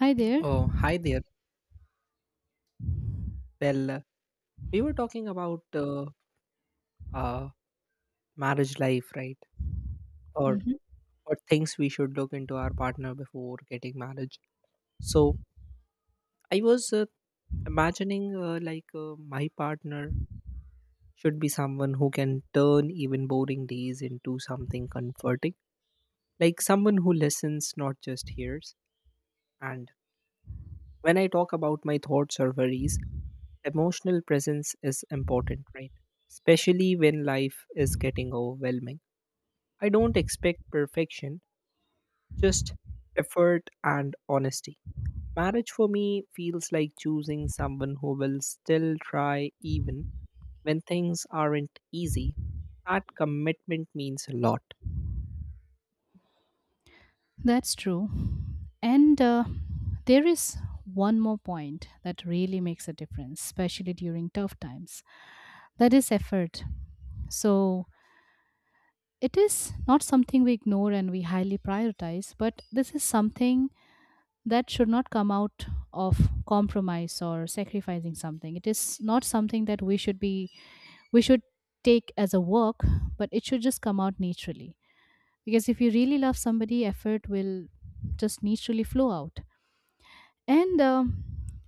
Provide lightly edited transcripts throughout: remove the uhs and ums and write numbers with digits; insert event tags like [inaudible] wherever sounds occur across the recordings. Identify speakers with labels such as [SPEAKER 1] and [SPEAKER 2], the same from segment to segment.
[SPEAKER 1] Hi there.
[SPEAKER 2] Oh, hi there. Well, uh, we were talking about uh, marriage life, right? Or
[SPEAKER 1] hmm
[SPEAKER 2] what things we should look into our partner before getting marriage. So I was imagining like my partner should be someone who can turn even boring days into something comforting, like someone who listens, not just hears. And when I talk about my thoughts or worries, emotional presence is important, right? Especially when life is getting overwhelming. I don't expect perfection, just effort and honesty. Marriage for me feels like choosing someone who will still try even when things aren't easy. That commitment means a lot.
[SPEAKER 1] That's true. And there is one more point that really makes a difference, especially during tough times, that is effort. So it is not something we ignore and we highly prioritize, but this is something that should not come out of compromise or sacrificing something. It is not something that we should take as a work, but it should just come out naturally. Because if you really love somebody, effort will just naturally flow out, and um,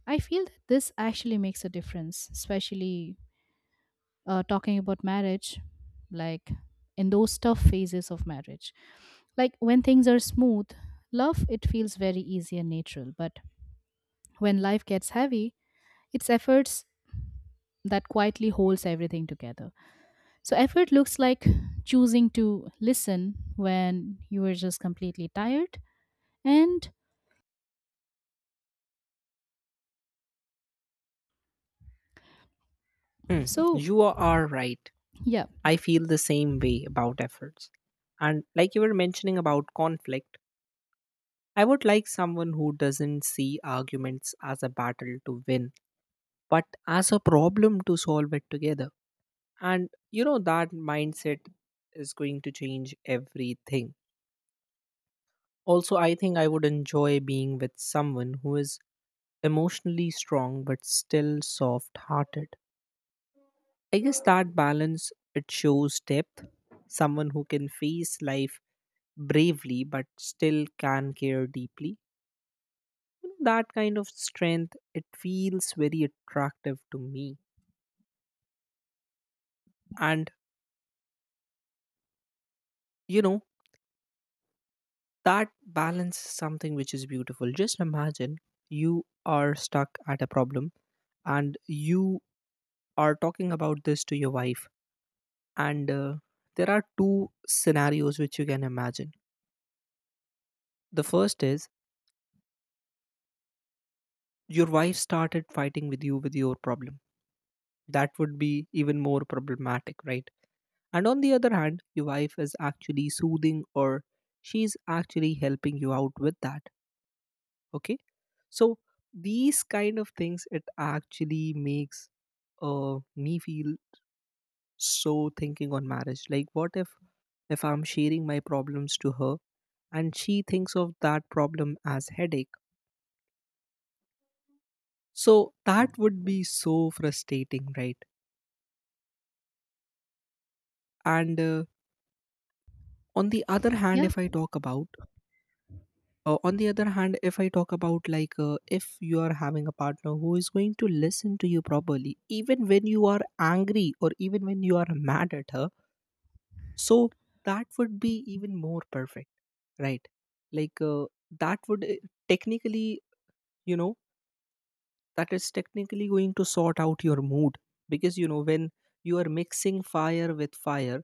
[SPEAKER 1] i feel that this actually makes a difference, especially talking about marriage, like in those tough phases of marriage, like when things are smooth, love, it feels very easy and natural, but when life gets heavy, it's efforts that quietly holds everything together. So effort looks like choosing to listen when you are just completely tired and
[SPEAKER 2] Hmm,
[SPEAKER 1] so
[SPEAKER 2] You are right.
[SPEAKER 1] Yeah.
[SPEAKER 2] I feel the same way about efforts. And like you were mentioning about conflict, I would like someone who doesn't see arguments as a battle to win, but as a problem to solve it together. And you know, that mindset is going to change everything. Also, I think I would enjoy being with someone who is emotionally strong but still soft hearted. I guess that balance it shows depth, someone who can face life bravely but still can care deeply. You know, that kind of strength it feels very attractive to me, and you know that balance is something which is beautiful. Just imagine you are stuck at a problem and you are talking about this to your wife, and there are two scenarios which you can imagine. The first is your wife started fighting with you with your problem. That would be even more problematic, right? And on the other hand, your wife is actually soothing, or she's actually helping you out with that. Okay. So these kind of things, it actually makes me feel, so thinking on marriage. Like, what if I'm sharing my problems to her and she thinks of that problem as headache? So that would be so frustrating, right? And on the other hand,
[SPEAKER 1] Yeah.
[SPEAKER 2] if I talk about on the other hand, if I talk about like if you are having a partner who is going to listen to you properly, even when you are angry or even when you are mad at her, so that would be even more perfect, right? Like uh, that would technically, you know, that is technically going to sort out your mood, because you know when you are mixing fire with fire,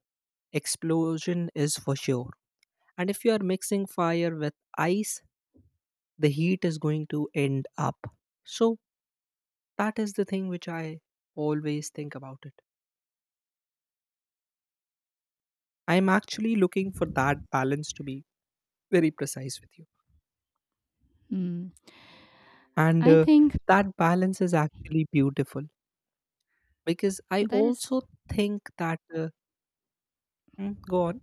[SPEAKER 2] explosion is for sure. And if you are mixing fire with ice, the heat is going to end up. So that is the thing which I always think about it. I'm actually looking for that balance, to be very precise with you.
[SPEAKER 1] Mm.
[SPEAKER 2] And
[SPEAKER 1] I think
[SPEAKER 2] That balance is actually beautiful, because I
[SPEAKER 1] that is.
[SPEAKER 2] also think that go on.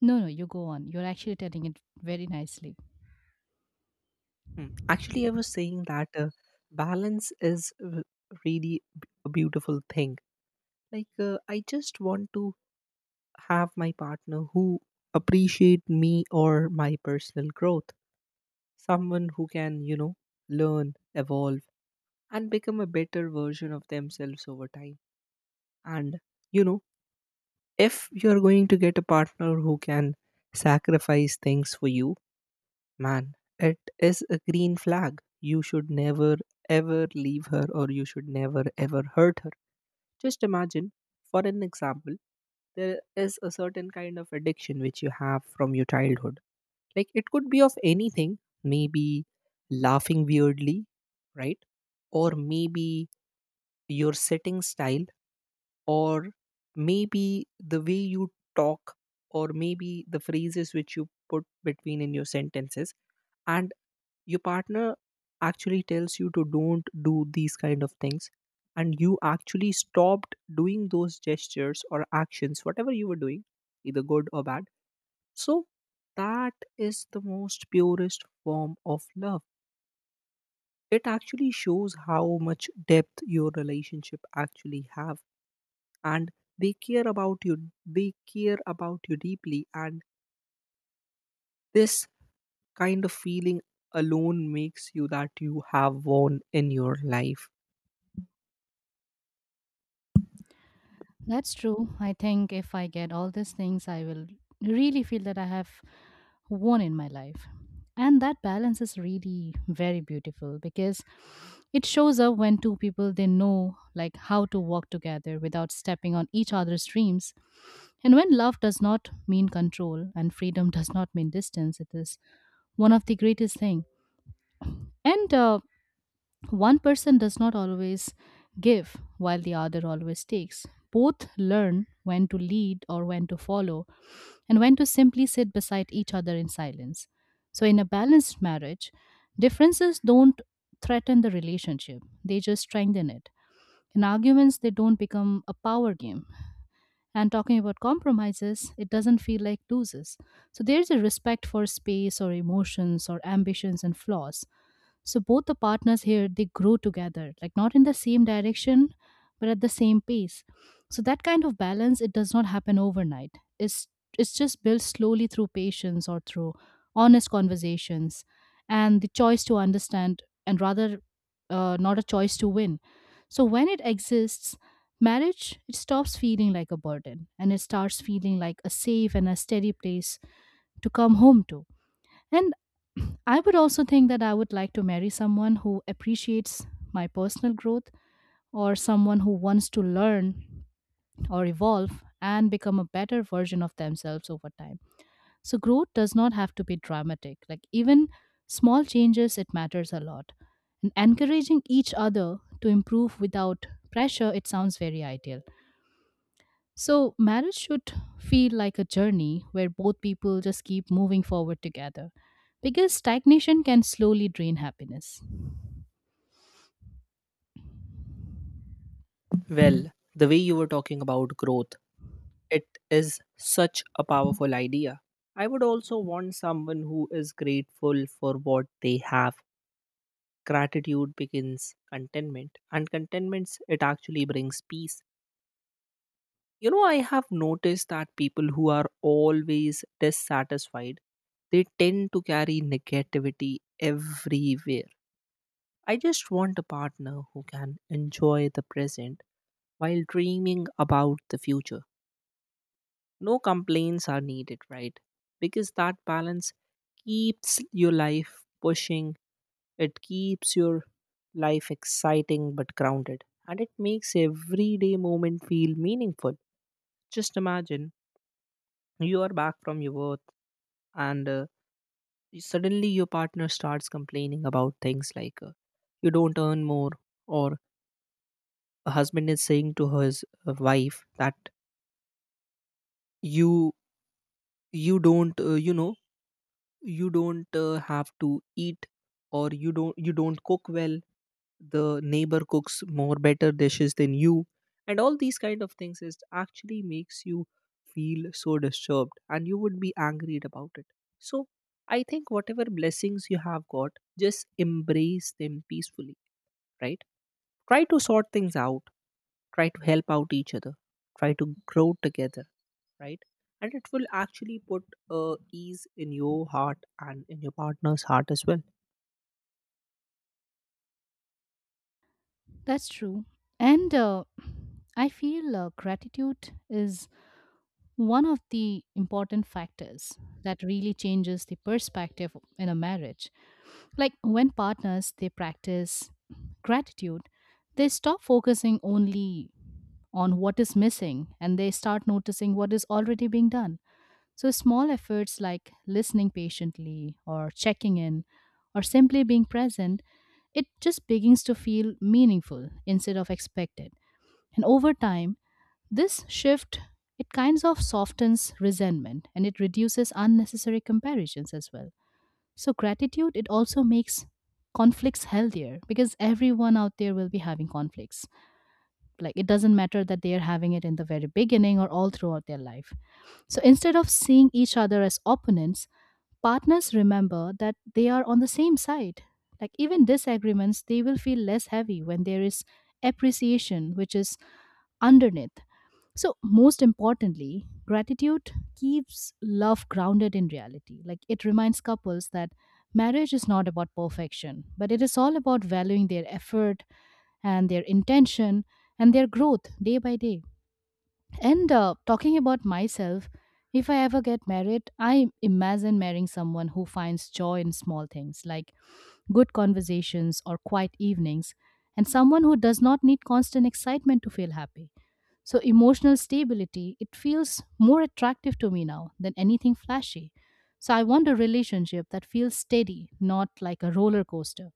[SPEAKER 1] No, no, you go on. You're actually telling it very nicely.
[SPEAKER 2] Mm. Actually I was saying that balance is really a beautiful thing. I just want to have my partner who appreciate me, or my personal growth, someone who can, you know, learn, evolve, and become a better version of themselves over time. And, you know, if you're going to get a partner who can sacrifice things for you, man, it is a green flag. You should never, ever leave her, or you should never, ever hurt her. Just imagine, for an example, there is a certain kind of addiction which you have from your childhood. Like it could be of anything, maybe laughing weirdly, right? Or maybe your sitting style, or maybe the way you talk, or maybe the phrases which you put between in your sentences. And your partner actually tells you to don't do these kind of things, and you actually stopped doing those gestures or actions whatever you were doing, either good or bad. So that is the most purest form of love. It actually shows how much depth your relationship actually have, and they care about you they care about you deeply, and this kind of feeling alone makes you that you have won in your life.
[SPEAKER 1] That's true. I think if I get all these things, I will really feel that I have won in my life. And that balance is really very beautiful because it shows up when two people, they know like how to work together without stepping on each other's dreams. And when love does not mean control and freedom [laughs] does not mean distance, it is one of the greatest thing. And One person does not always give while the other always takes. Both learn when to lead or when to follow, and when to simply sit beside each other in silence. So, in a balanced marriage, differences don't threaten the relationship, they just strengthen it. In arguments, they don't become a power game. And talking about compromises, it doesn't feel like loses. So, there's a respect for space or emotions or ambitions and flaws, so both the partners here, they grow together, like not in the same direction, but at the same pace. So that kind of balance, it does not happen overnight. It's it's just built slowly through patience or through honest conversations, and the choice to understand and rather not a choice to win. So when it exists, marriage, it stops feeling like a burden and it starts feeling like a safe and a steady place to come home to. And [clears throat] I would also think that I would like to marry someone who appreciates my personal growth, or someone who wants to learn or evolve and become a better version of themselves over time. So growth does not have to be dramatic. Like even small changes, it matters a lot. And encouraging each other to improve without pressure, it sounds very ideal. So, marriage should feel like a journey where both people just keep moving forward together, because stagnation can slowly drain happiness.
[SPEAKER 2] Well, the way you were talking about growth, it is such a powerful idea. I would also want someone who is grateful for what they have. Gratitude begins contentment, and contentment it actually brings peace. You know, I have noticed that people who are always dissatisfied, they tend to carry negativity everywhere. I just want a partner who can enjoy the present while dreaming about the future. No complaints are needed, right? Because that balance keeps your life pushing. It keeps your life exciting but grounded, and it makes everyday moment feel meaningful. Just imagine you are back from your work, and suddenly your partner starts complaining about things like you don't earn more, or a husband is saying to his wife that you you don't you know you don't have to eat, or you don't cook well, the neighbor cooks more better dishes than you, and all these kind of things is actually makes you feel so disturbed, and you would be angry about it. So I think whatever blessings you have got, just embrace them peacefully, right? Try to sort things out, try to help out each other, try to grow together, right? And it will actually put ease in your heart and in your partner's heart as well.
[SPEAKER 1] That's true. And I feel gratitude is one of the important factors that really changes the perspective in a marriage. Like when partners, they practice gratitude, they stop focusing only on what is missing and they start noticing what is already being done. So, small efforts like listening patiently or checking in or simply being present, it just begins to feel meaningful instead of expected. And over time, this shift, it kinds of softens resentment and it reduces unnecessary comparisons as well. So gratitude, it also makes conflicts healthier, because everyone out there will be having conflicts, like it doesn't matter that they are having it in the very beginning or all throughout their life. So instead of seeing each other as opponents, partners remember that they are on the same side. Like even disagreements, they will feel less heavy when there is appreciation which is underneath. So, most importantly, gratitude keeps love grounded in reality. Like it reminds couples that marriage is not about perfection, but it is all about valuing their effort and their intention and their growth day by day. And talking about myself, if I ever get married, I imagine marrying someone who finds joy in small things like good conversations or quiet evenings, and someone who does not need constant excitement to feel happy. So, emotional stability, it feels more attractive to me now than anything flashy. So, I want a relationship that feels steady, not like a roller coaster.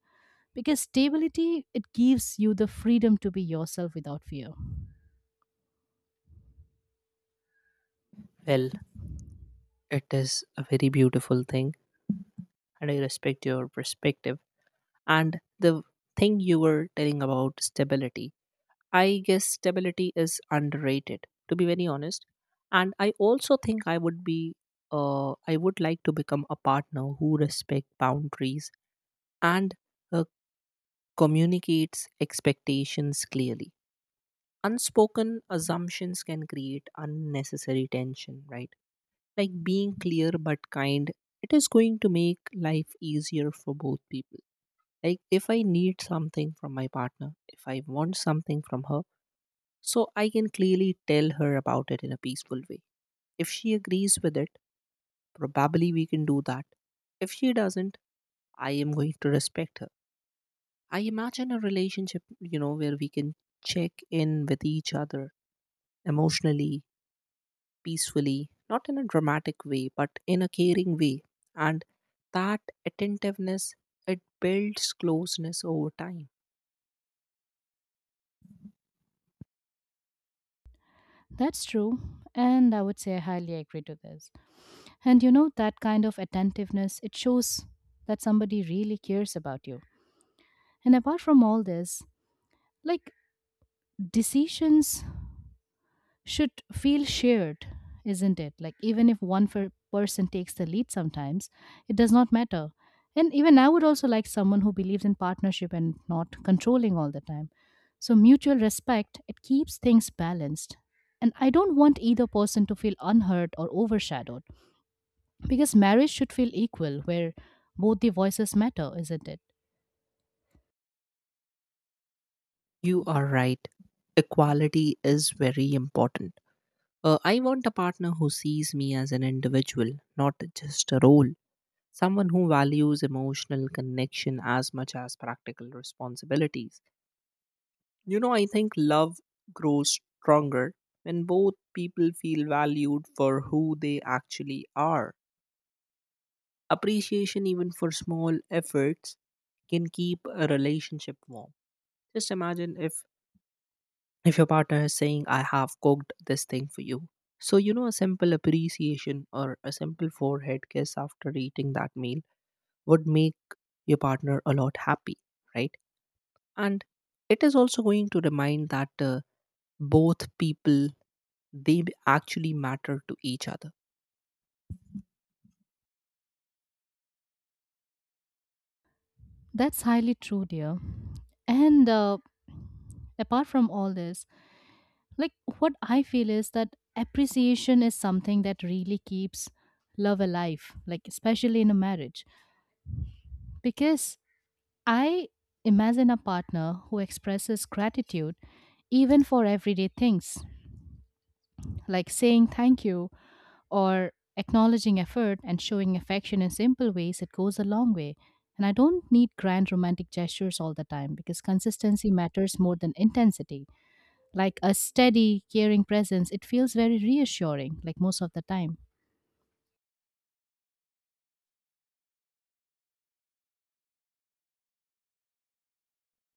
[SPEAKER 1] Because stability, it gives you the freedom to be yourself without fear.
[SPEAKER 2] Well, it is a very beautiful thing, and I respect your perspective. And the thing you were telling about stability, I guess stability is underrated, to be very honest. And I also think I would I would like to become a partner who respect boundaries and uh, communicates expectations clearly. Unspoken assumptions can create unnecessary tension, right? Like being clear but kind, it is going to make life easier for both people. Like if I need something from my partner, if I want something from her, so I can clearly tell her about it in a peaceful way. If she agrees with it, probably we can do that. If she doesn't, I am going to respect her. I imagine a relationship, you know, where we can check in with each other emotionally, peacefully, not in a dramatic way, but in a caring way. And that attentiveness, it builds closeness over time.
[SPEAKER 1] That's true. And I would say I highly agree to this. And you know, that kind of attentiveness, it shows that somebody really cares about you. And apart from all this, like decisions should feel shared, isn't it? Like, even if one person takes the lead sometimes, it does not matter. And even I would also like someone who believes in partnership and not controlling all the time. So, mutual respect, it keeps things balanced. And I don't want either person to feel unheard or overshadowed, because marriage should feel equal, where both the voices matter, isn't it?
[SPEAKER 2] You are right. Equality is very important. I want a partner who sees me as an individual, not just a role. Someone who values emotional connection as much as practical responsibilities. You know, I think love grows stronger when both people feel valued for who they actually are. Appreciation, even for small efforts, can keep a relationship warm. Just imagine if your partner is saying I have cooked this thing for you, so you know a simple appreciation or a simple forehead kiss after eating that meal would make your partner a lot happy, right? And it is also going to remind that both people, they actually matter to each other.
[SPEAKER 1] That's highly true, dear. And apart from all this, like what I feel is that appreciation is something that really keeps love alive, like especially in a marriage, because I imagine a partner who expresses gratitude even for everyday things, like saying thank you or acknowledging effort and showing affection in simple ways, it goes a long way. And I don't need grand romantic gestures all the time, because consistency matters more than intensity, like a steady, caring presence, it feels very reassuring, like most of the time.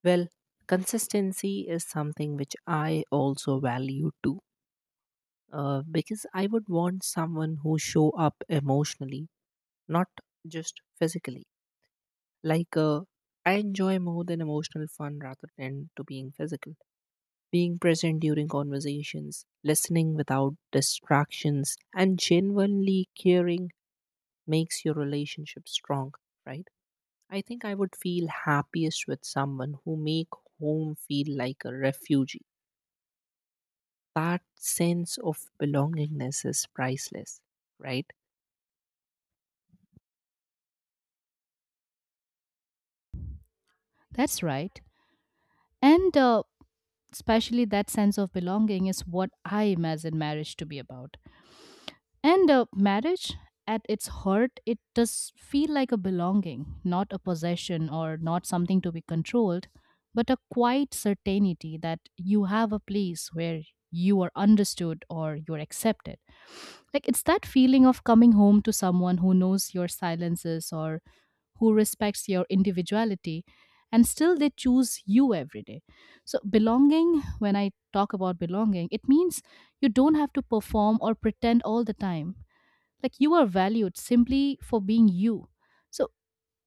[SPEAKER 2] Well, consistency is something which I also value too. Because I would want someone who show up emotionally, not just physically. Like, uh, I enjoy more than emotional fun rather than to being physical. Being present during conversations, listening without distractions, and genuinely caring makes your relationship strong, right? I think I would feel happiest with someone who make home feel like a refugee. That sense of belongingness is priceless, right?
[SPEAKER 1] That's right. And especially that sense of belonging is what I imagine marriage to be about. And marriage, at its heart, it does feel like a belonging, not a possession or not something to be controlled, but a quiet certainty that you have a place where you are understood or you're accepted. Like it's that feeling of coming home to someone who knows your silences, or who respects your individuality, and still they choose you every day. So, belonging, when I talk about belonging, it means you don't have to perform or pretend all the time, like you are valued simply for being you. So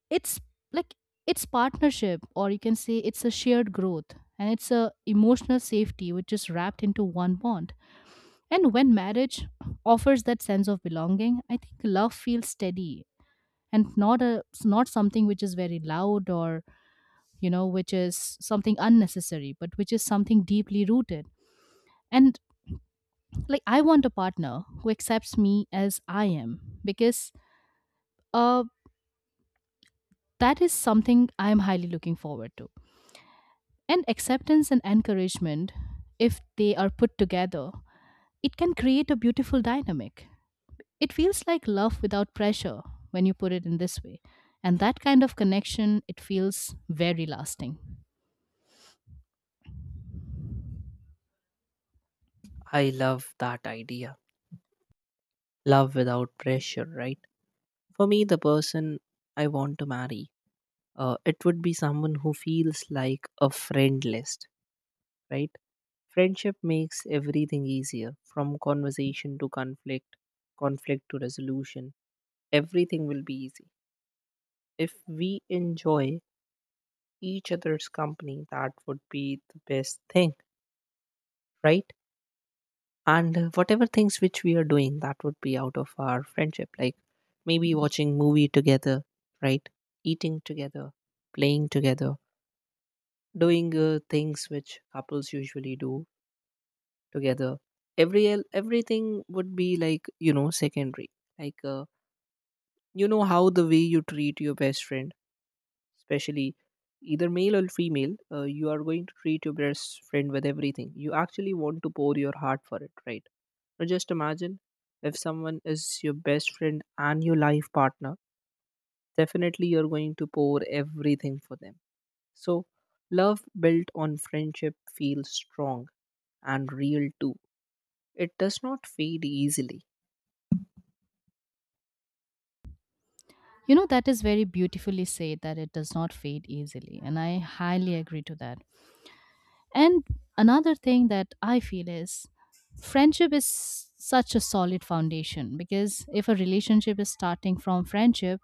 [SPEAKER 1] it's like, it's partnership, or you can say it's a shared growth, and it's a emotional safety which is wrapped into one bond. And when marriage offers that sense of belonging, I think love feels steady, and not a, not something which is very loud, or you know, which is something unnecessary, but which is something deeply rooted. And like, I want a partner who accepts me as I am, because uh that is something I'm highly looking forward to. And acceptance and encouragement, if they are put together, it can create a beautiful dynamic. It feels like love without pressure when you put it in this way. And that kind of connection, it feels very lasting.
[SPEAKER 2] I love that idea. Love without pressure, right? For me, the person I want to marry it would be someone who feels like a friend list, right? Friendship makes everything easier, from conversation to conflict, conflict to resolution. Everything will be easy. If we enjoy each other's company, that would be the best thing, right? And whatever things which we are doing, that would be out of our friendship, like maybe watching movie together, right? Eating together, playing together, doing things which couples usually do together, everything would be like, you know, secondary. like uh, you know how the way you treat your best friend, especially either male or female, you are going to treat your best friend with everything, you actually want to pour your heart for it, right? Now just imagine if someone is your best friend and your life partner, definitely you're going to pour everything for them. So love built on friendship feels strong and real too. It does not fade easily.
[SPEAKER 1] You know, that is very beautifully said that it does not fade easily. And I highly agree to that. And another thing that I feel is, friendship is such a solid foundation, because if a relationship is starting from friendship,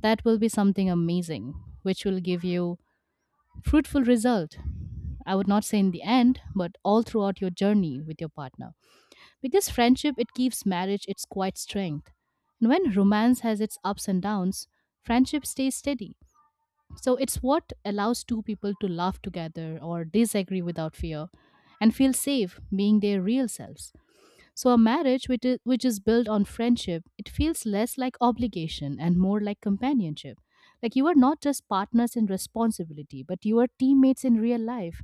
[SPEAKER 1] that will be something amazing, which will give you fruitful result. I would not say in the end, but all throughout your journey with your partner. Because friendship, it keeps marriage its quiet strength. And when romance has its ups and downs, friendship stays steady. So it's what allows two people to laugh together or disagree without fear and feel safe being their real selves. So a marriage which is built on friendship, it feels less like obligation and more like companionship. Like you are not just partners in responsibility, but you are teammates in real life,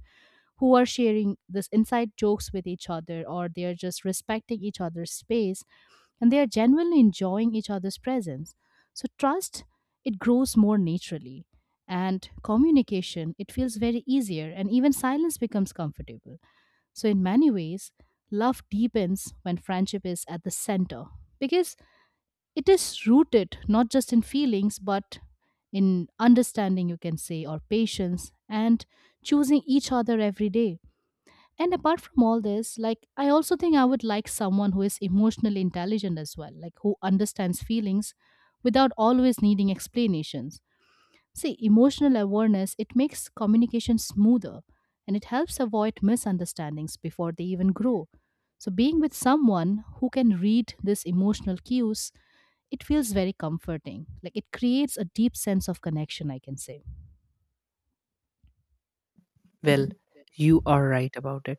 [SPEAKER 1] who are sharing this inside jokes with each other, or they are just respecting each other's space, and they are genuinely enjoying each other's presence. So trust, it grows more naturally, and communication, it feels very easier, and even silence becomes comfortable. So in many ways, love deepens when friendship is at the center, because it is rooted not just in feelings but in understanding, you can say, or patience, and choosing each other every day. And apart from all this, like I also think I would like someone who is emotionally intelligent as well, like who understands feelings without always needing explanations. See, emotional awareness, it makes communication smoother, and it helps avoid misunderstandings before they even grow. So being with someone who can read these emotional cues, it feels very comforting. Like it creates a deep sense of connection, I can say.
[SPEAKER 2] Well, you are right about it,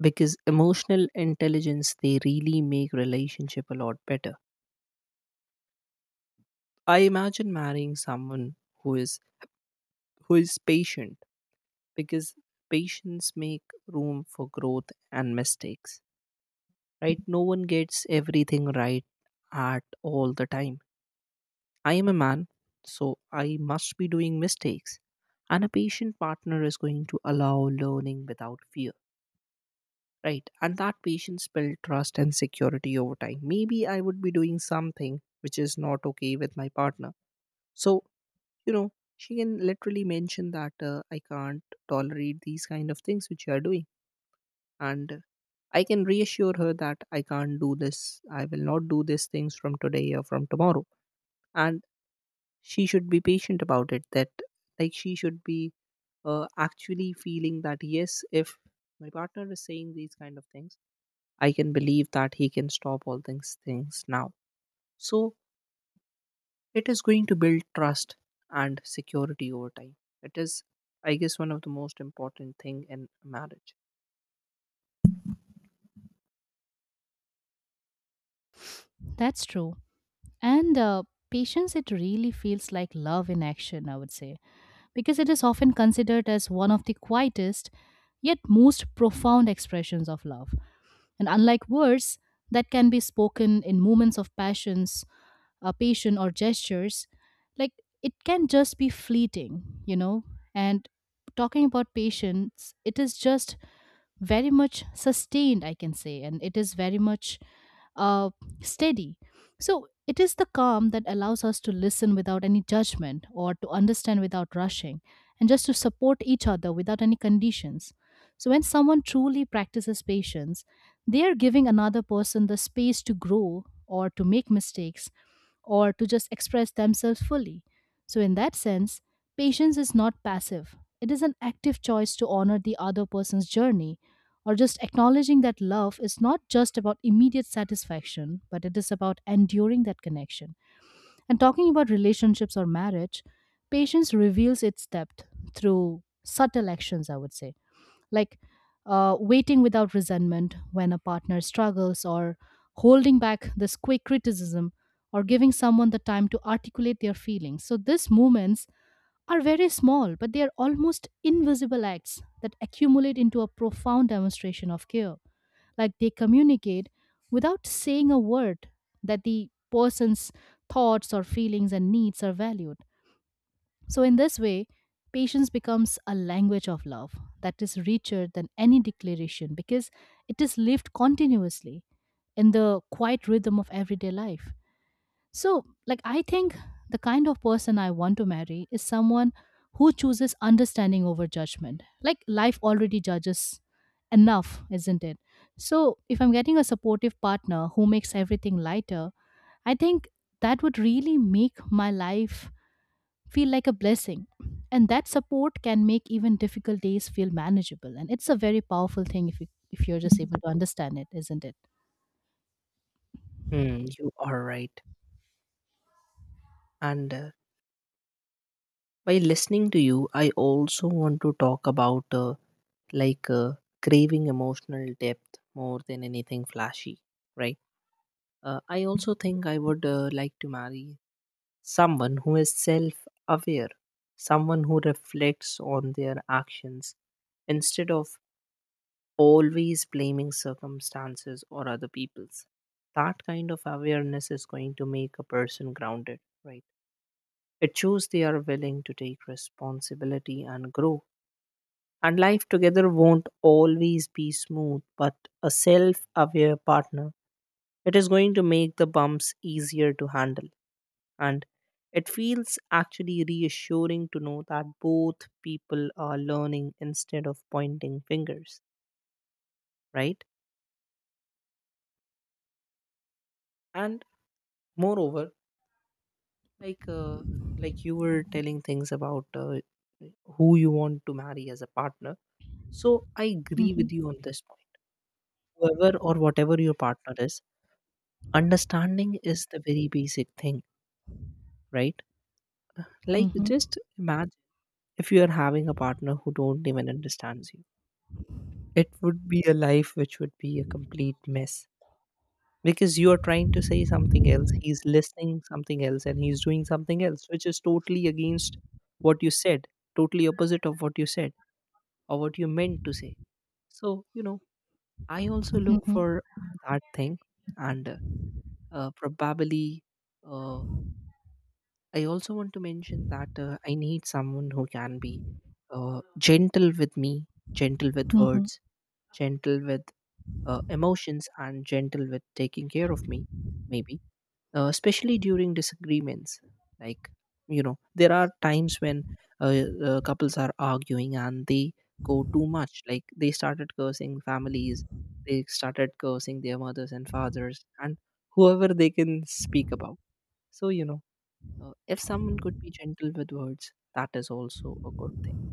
[SPEAKER 2] because emotional intelligence they really make relationship a lot better. I imagine marrying someone who is who is patient, because patience make room for growth and mistakes. Right? No one gets everything right at all the time. I am a man, so I must be doing mistakes. And a patient partner is going to allow learning without fear. Right, and that patience build trust and security over time. Maybe I would be doing something which is not okay with my partner, so you know she can literally mention that I can't tolerate these kind of things which you are doing. And I can reassure her that I can't do this, I will not do these things from today or from tomorrow. And she should be patient about it, that like she should be actually feeling that yes, if my partner is saying these kind of things, I can believe that he can stop all these things now. So it is going to build trust and security over time. It is, I guess, one of the most important thing in marriage.
[SPEAKER 1] That's true. And patience, it really feels like love in action, I would say, because it is often considered as one of the quietest yet most profound expressions of love. And unlike words that can be spoken in moments of passions, passion, or gestures, like it can just be fleeting, you know. And talking about patience, it is just very much sustained, I can say, and it is very much uh, steady. So it is the calm that allows us to listen without any judgment or to understand without rushing and just to support each other without any conditions. So when someone truly practices patience, they are giving another person the space to grow or to make mistakes or to just express themselves fully. So, in that sense, patience is not passive, it is an active choice to honor the other person's journey, or just acknowledging that love is not just about immediate satisfaction, but it is about enduring that connection. And talking about relationships or marriage, patience reveals its depth through subtle actions, I would say, like waiting without resentment when a partner struggles, or holding back this quick criticism, or giving someone the time to articulate their feelings. So these moments are very small, but they are almost invisible acts that accumulate into a profound demonstration of care. Like they communicate without saying a word that the person's thoughts or feelings and needs are valued. So, in this way, patience becomes a language of love that is richer than any declaration because it is lived continuously in the quiet rhythm of everyday life. So, like, I think the kind of person I want to marry is someone who chooses understanding over judgment. Like, life already judges enough, isn't it? So if I'm getting a supportive partner who makes everything lighter, I think that would really make my life feel like a blessing. And that support can make even difficult days feel manageable. And it's a very powerful thing if you if you're just able to understand it, isn't it?
[SPEAKER 2] Hmm, you are right. And by listening to you, I also want to talk about like craving emotional depth more than anything flashy, right? I also think I would like to marry someone who is self aware, someone who reflects on their actions instead of always blaming circumstances or other people's. That kind of awareness is going to make a person grounded, right? It shows they are willing to take responsibility and grow. And life together won't always be smooth, but a self aware partner, it is going to make the bumps easier to handle. And it feels actually reassuring to know that both people are learning instead of pointing fingers, right? And moreover, like like you were telling things about who you want to marry as a partner. So I agree
[SPEAKER 1] Mhm.
[SPEAKER 2] with you on this point. Whoever or whatever your partner is, understanding is the very basic thing, right? Like
[SPEAKER 1] Mhm.
[SPEAKER 2] just imagine if you are having a partner who don't even understands you. It would be a life which would be a complete mess, because you are trying to say something else, he's listening something else, and he's doing something else, which is totally against what you said, totally opposite of what you said or what you meant to say. So, I also look
[SPEAKER 1] Mhm.
[SPEAKER 2] for that thing. And probably uh, I also want to mention that I need someone who can be gentle with me, gentle with
[SPEAKER 1] Mhm.
[SPEAKER 2] words, gentle with emotions, and gentle with taking care of me. Maybe especially during disagreements, like you know there are times when couples are arguing and they go too much, like they started cursing families, they started cursing their mothers and fathers and whoever they can speak about. So if someone could be gentle with words, that is also a good thing.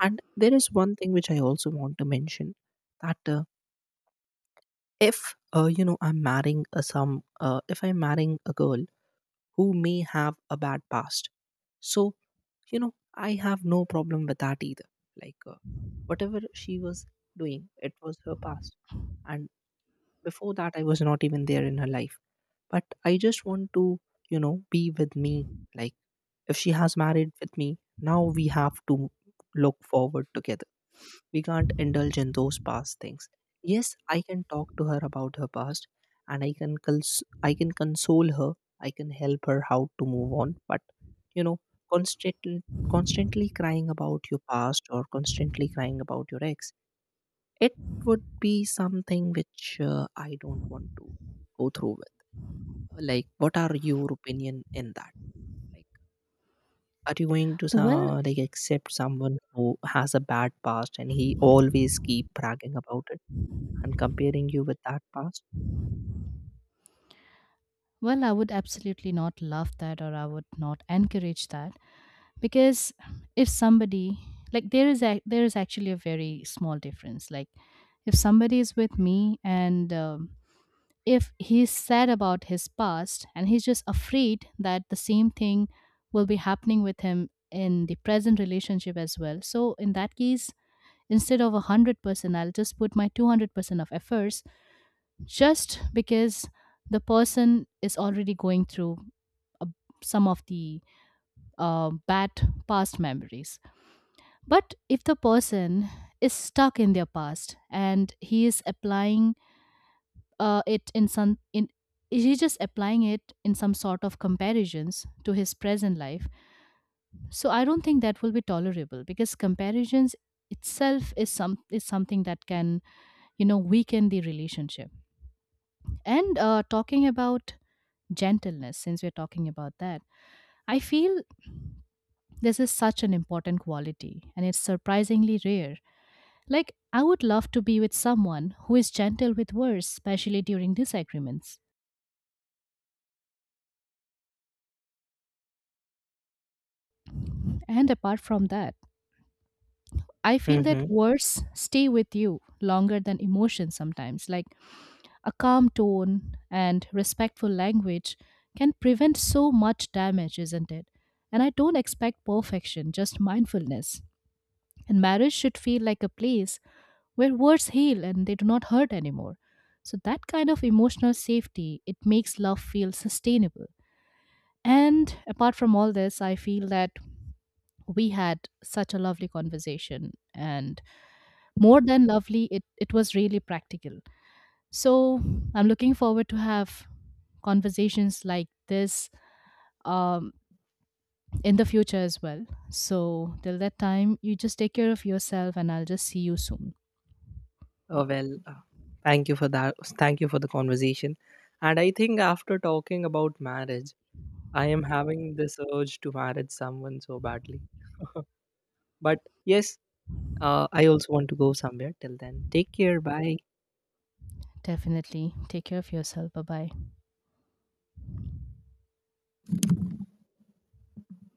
[SPEAKER 2] And there is one thing which I also want to mention, that if, you know, I'm marrying a some if I'm marrying a girl who may have a bad past, so you know I have no problem with that either. Like whatever she was doing, it was her past, and before that I was not even there in her life. But I just want to, you know, be with me. Like if she has married with me, now we have to look forward together. We can't indulge in those past things. Yes, I can talk to her about her past, and I can console her. I can help her how to move on. But you know, constantly, constantly crying about your past or constantly crying about your ex, it would be something which I don't want to go through with. Like, what are your opinion in that? Like, are you going to
[SPEAKER 1] Well,
[SPEAKER 2] like accept someone who has a bad past and he always keep bragging about and comparing you with that past?
[SPEAKER 1] well, I would absolutely not love that, or I would not encourage that, because if somebody, like, there is actually a very small difference. Like if somebody is with me and if he's sad about his past and he's just afraid that the same thing will be happening with him in the present relationship as well. So, in that case, instead of 100%, I'll just put my 200% of efforts just because the person is already going through uh, some of the bad past memories. But if the person is stuck in their past and he is applying, it in some in he's just applying it in some sort of comparisons to his present life, so I don't think that will be tolerable because comparisons itself is something that can, you know, weaken the relationship. And talking about gentleness, since we're talking about that, I feel this is such an important quality and it's surprisingly rare. Like, I would love to be with someone who is gentle with words, especially during disagreements. And apart from that, I feel
[SPEAKER 2] Mm-hmm.
[SPEAKER 1] that words stay with you longer than emotions sometimes. Like a calm tone and respectful language can prevent so much damage, isn't it? And I don't expect perfection, just mindfulness. And marriage should feel like a place where words heal and they do not hurt anymore. So that kind of emotional safety, it makes love feel sustainable. And apart from all this, I feel that we had such a lovely conversation and more than lovely, it was really practical. So I'm looking forward to have conversations like this, um, in the future as well. So till that time, you just take care of yourself and I'll just see you soon.
[SPEAKER 2] Oh, well, thank you for that. Thank you for the conversation. And I think after talking about marriage, I am having this urge to marry someone so badly. [laughs] But yes, I also want to go somewhere. Till then, take care. Bye.
[SPEAKER 1] Definitely take care of yourself. Bye bye.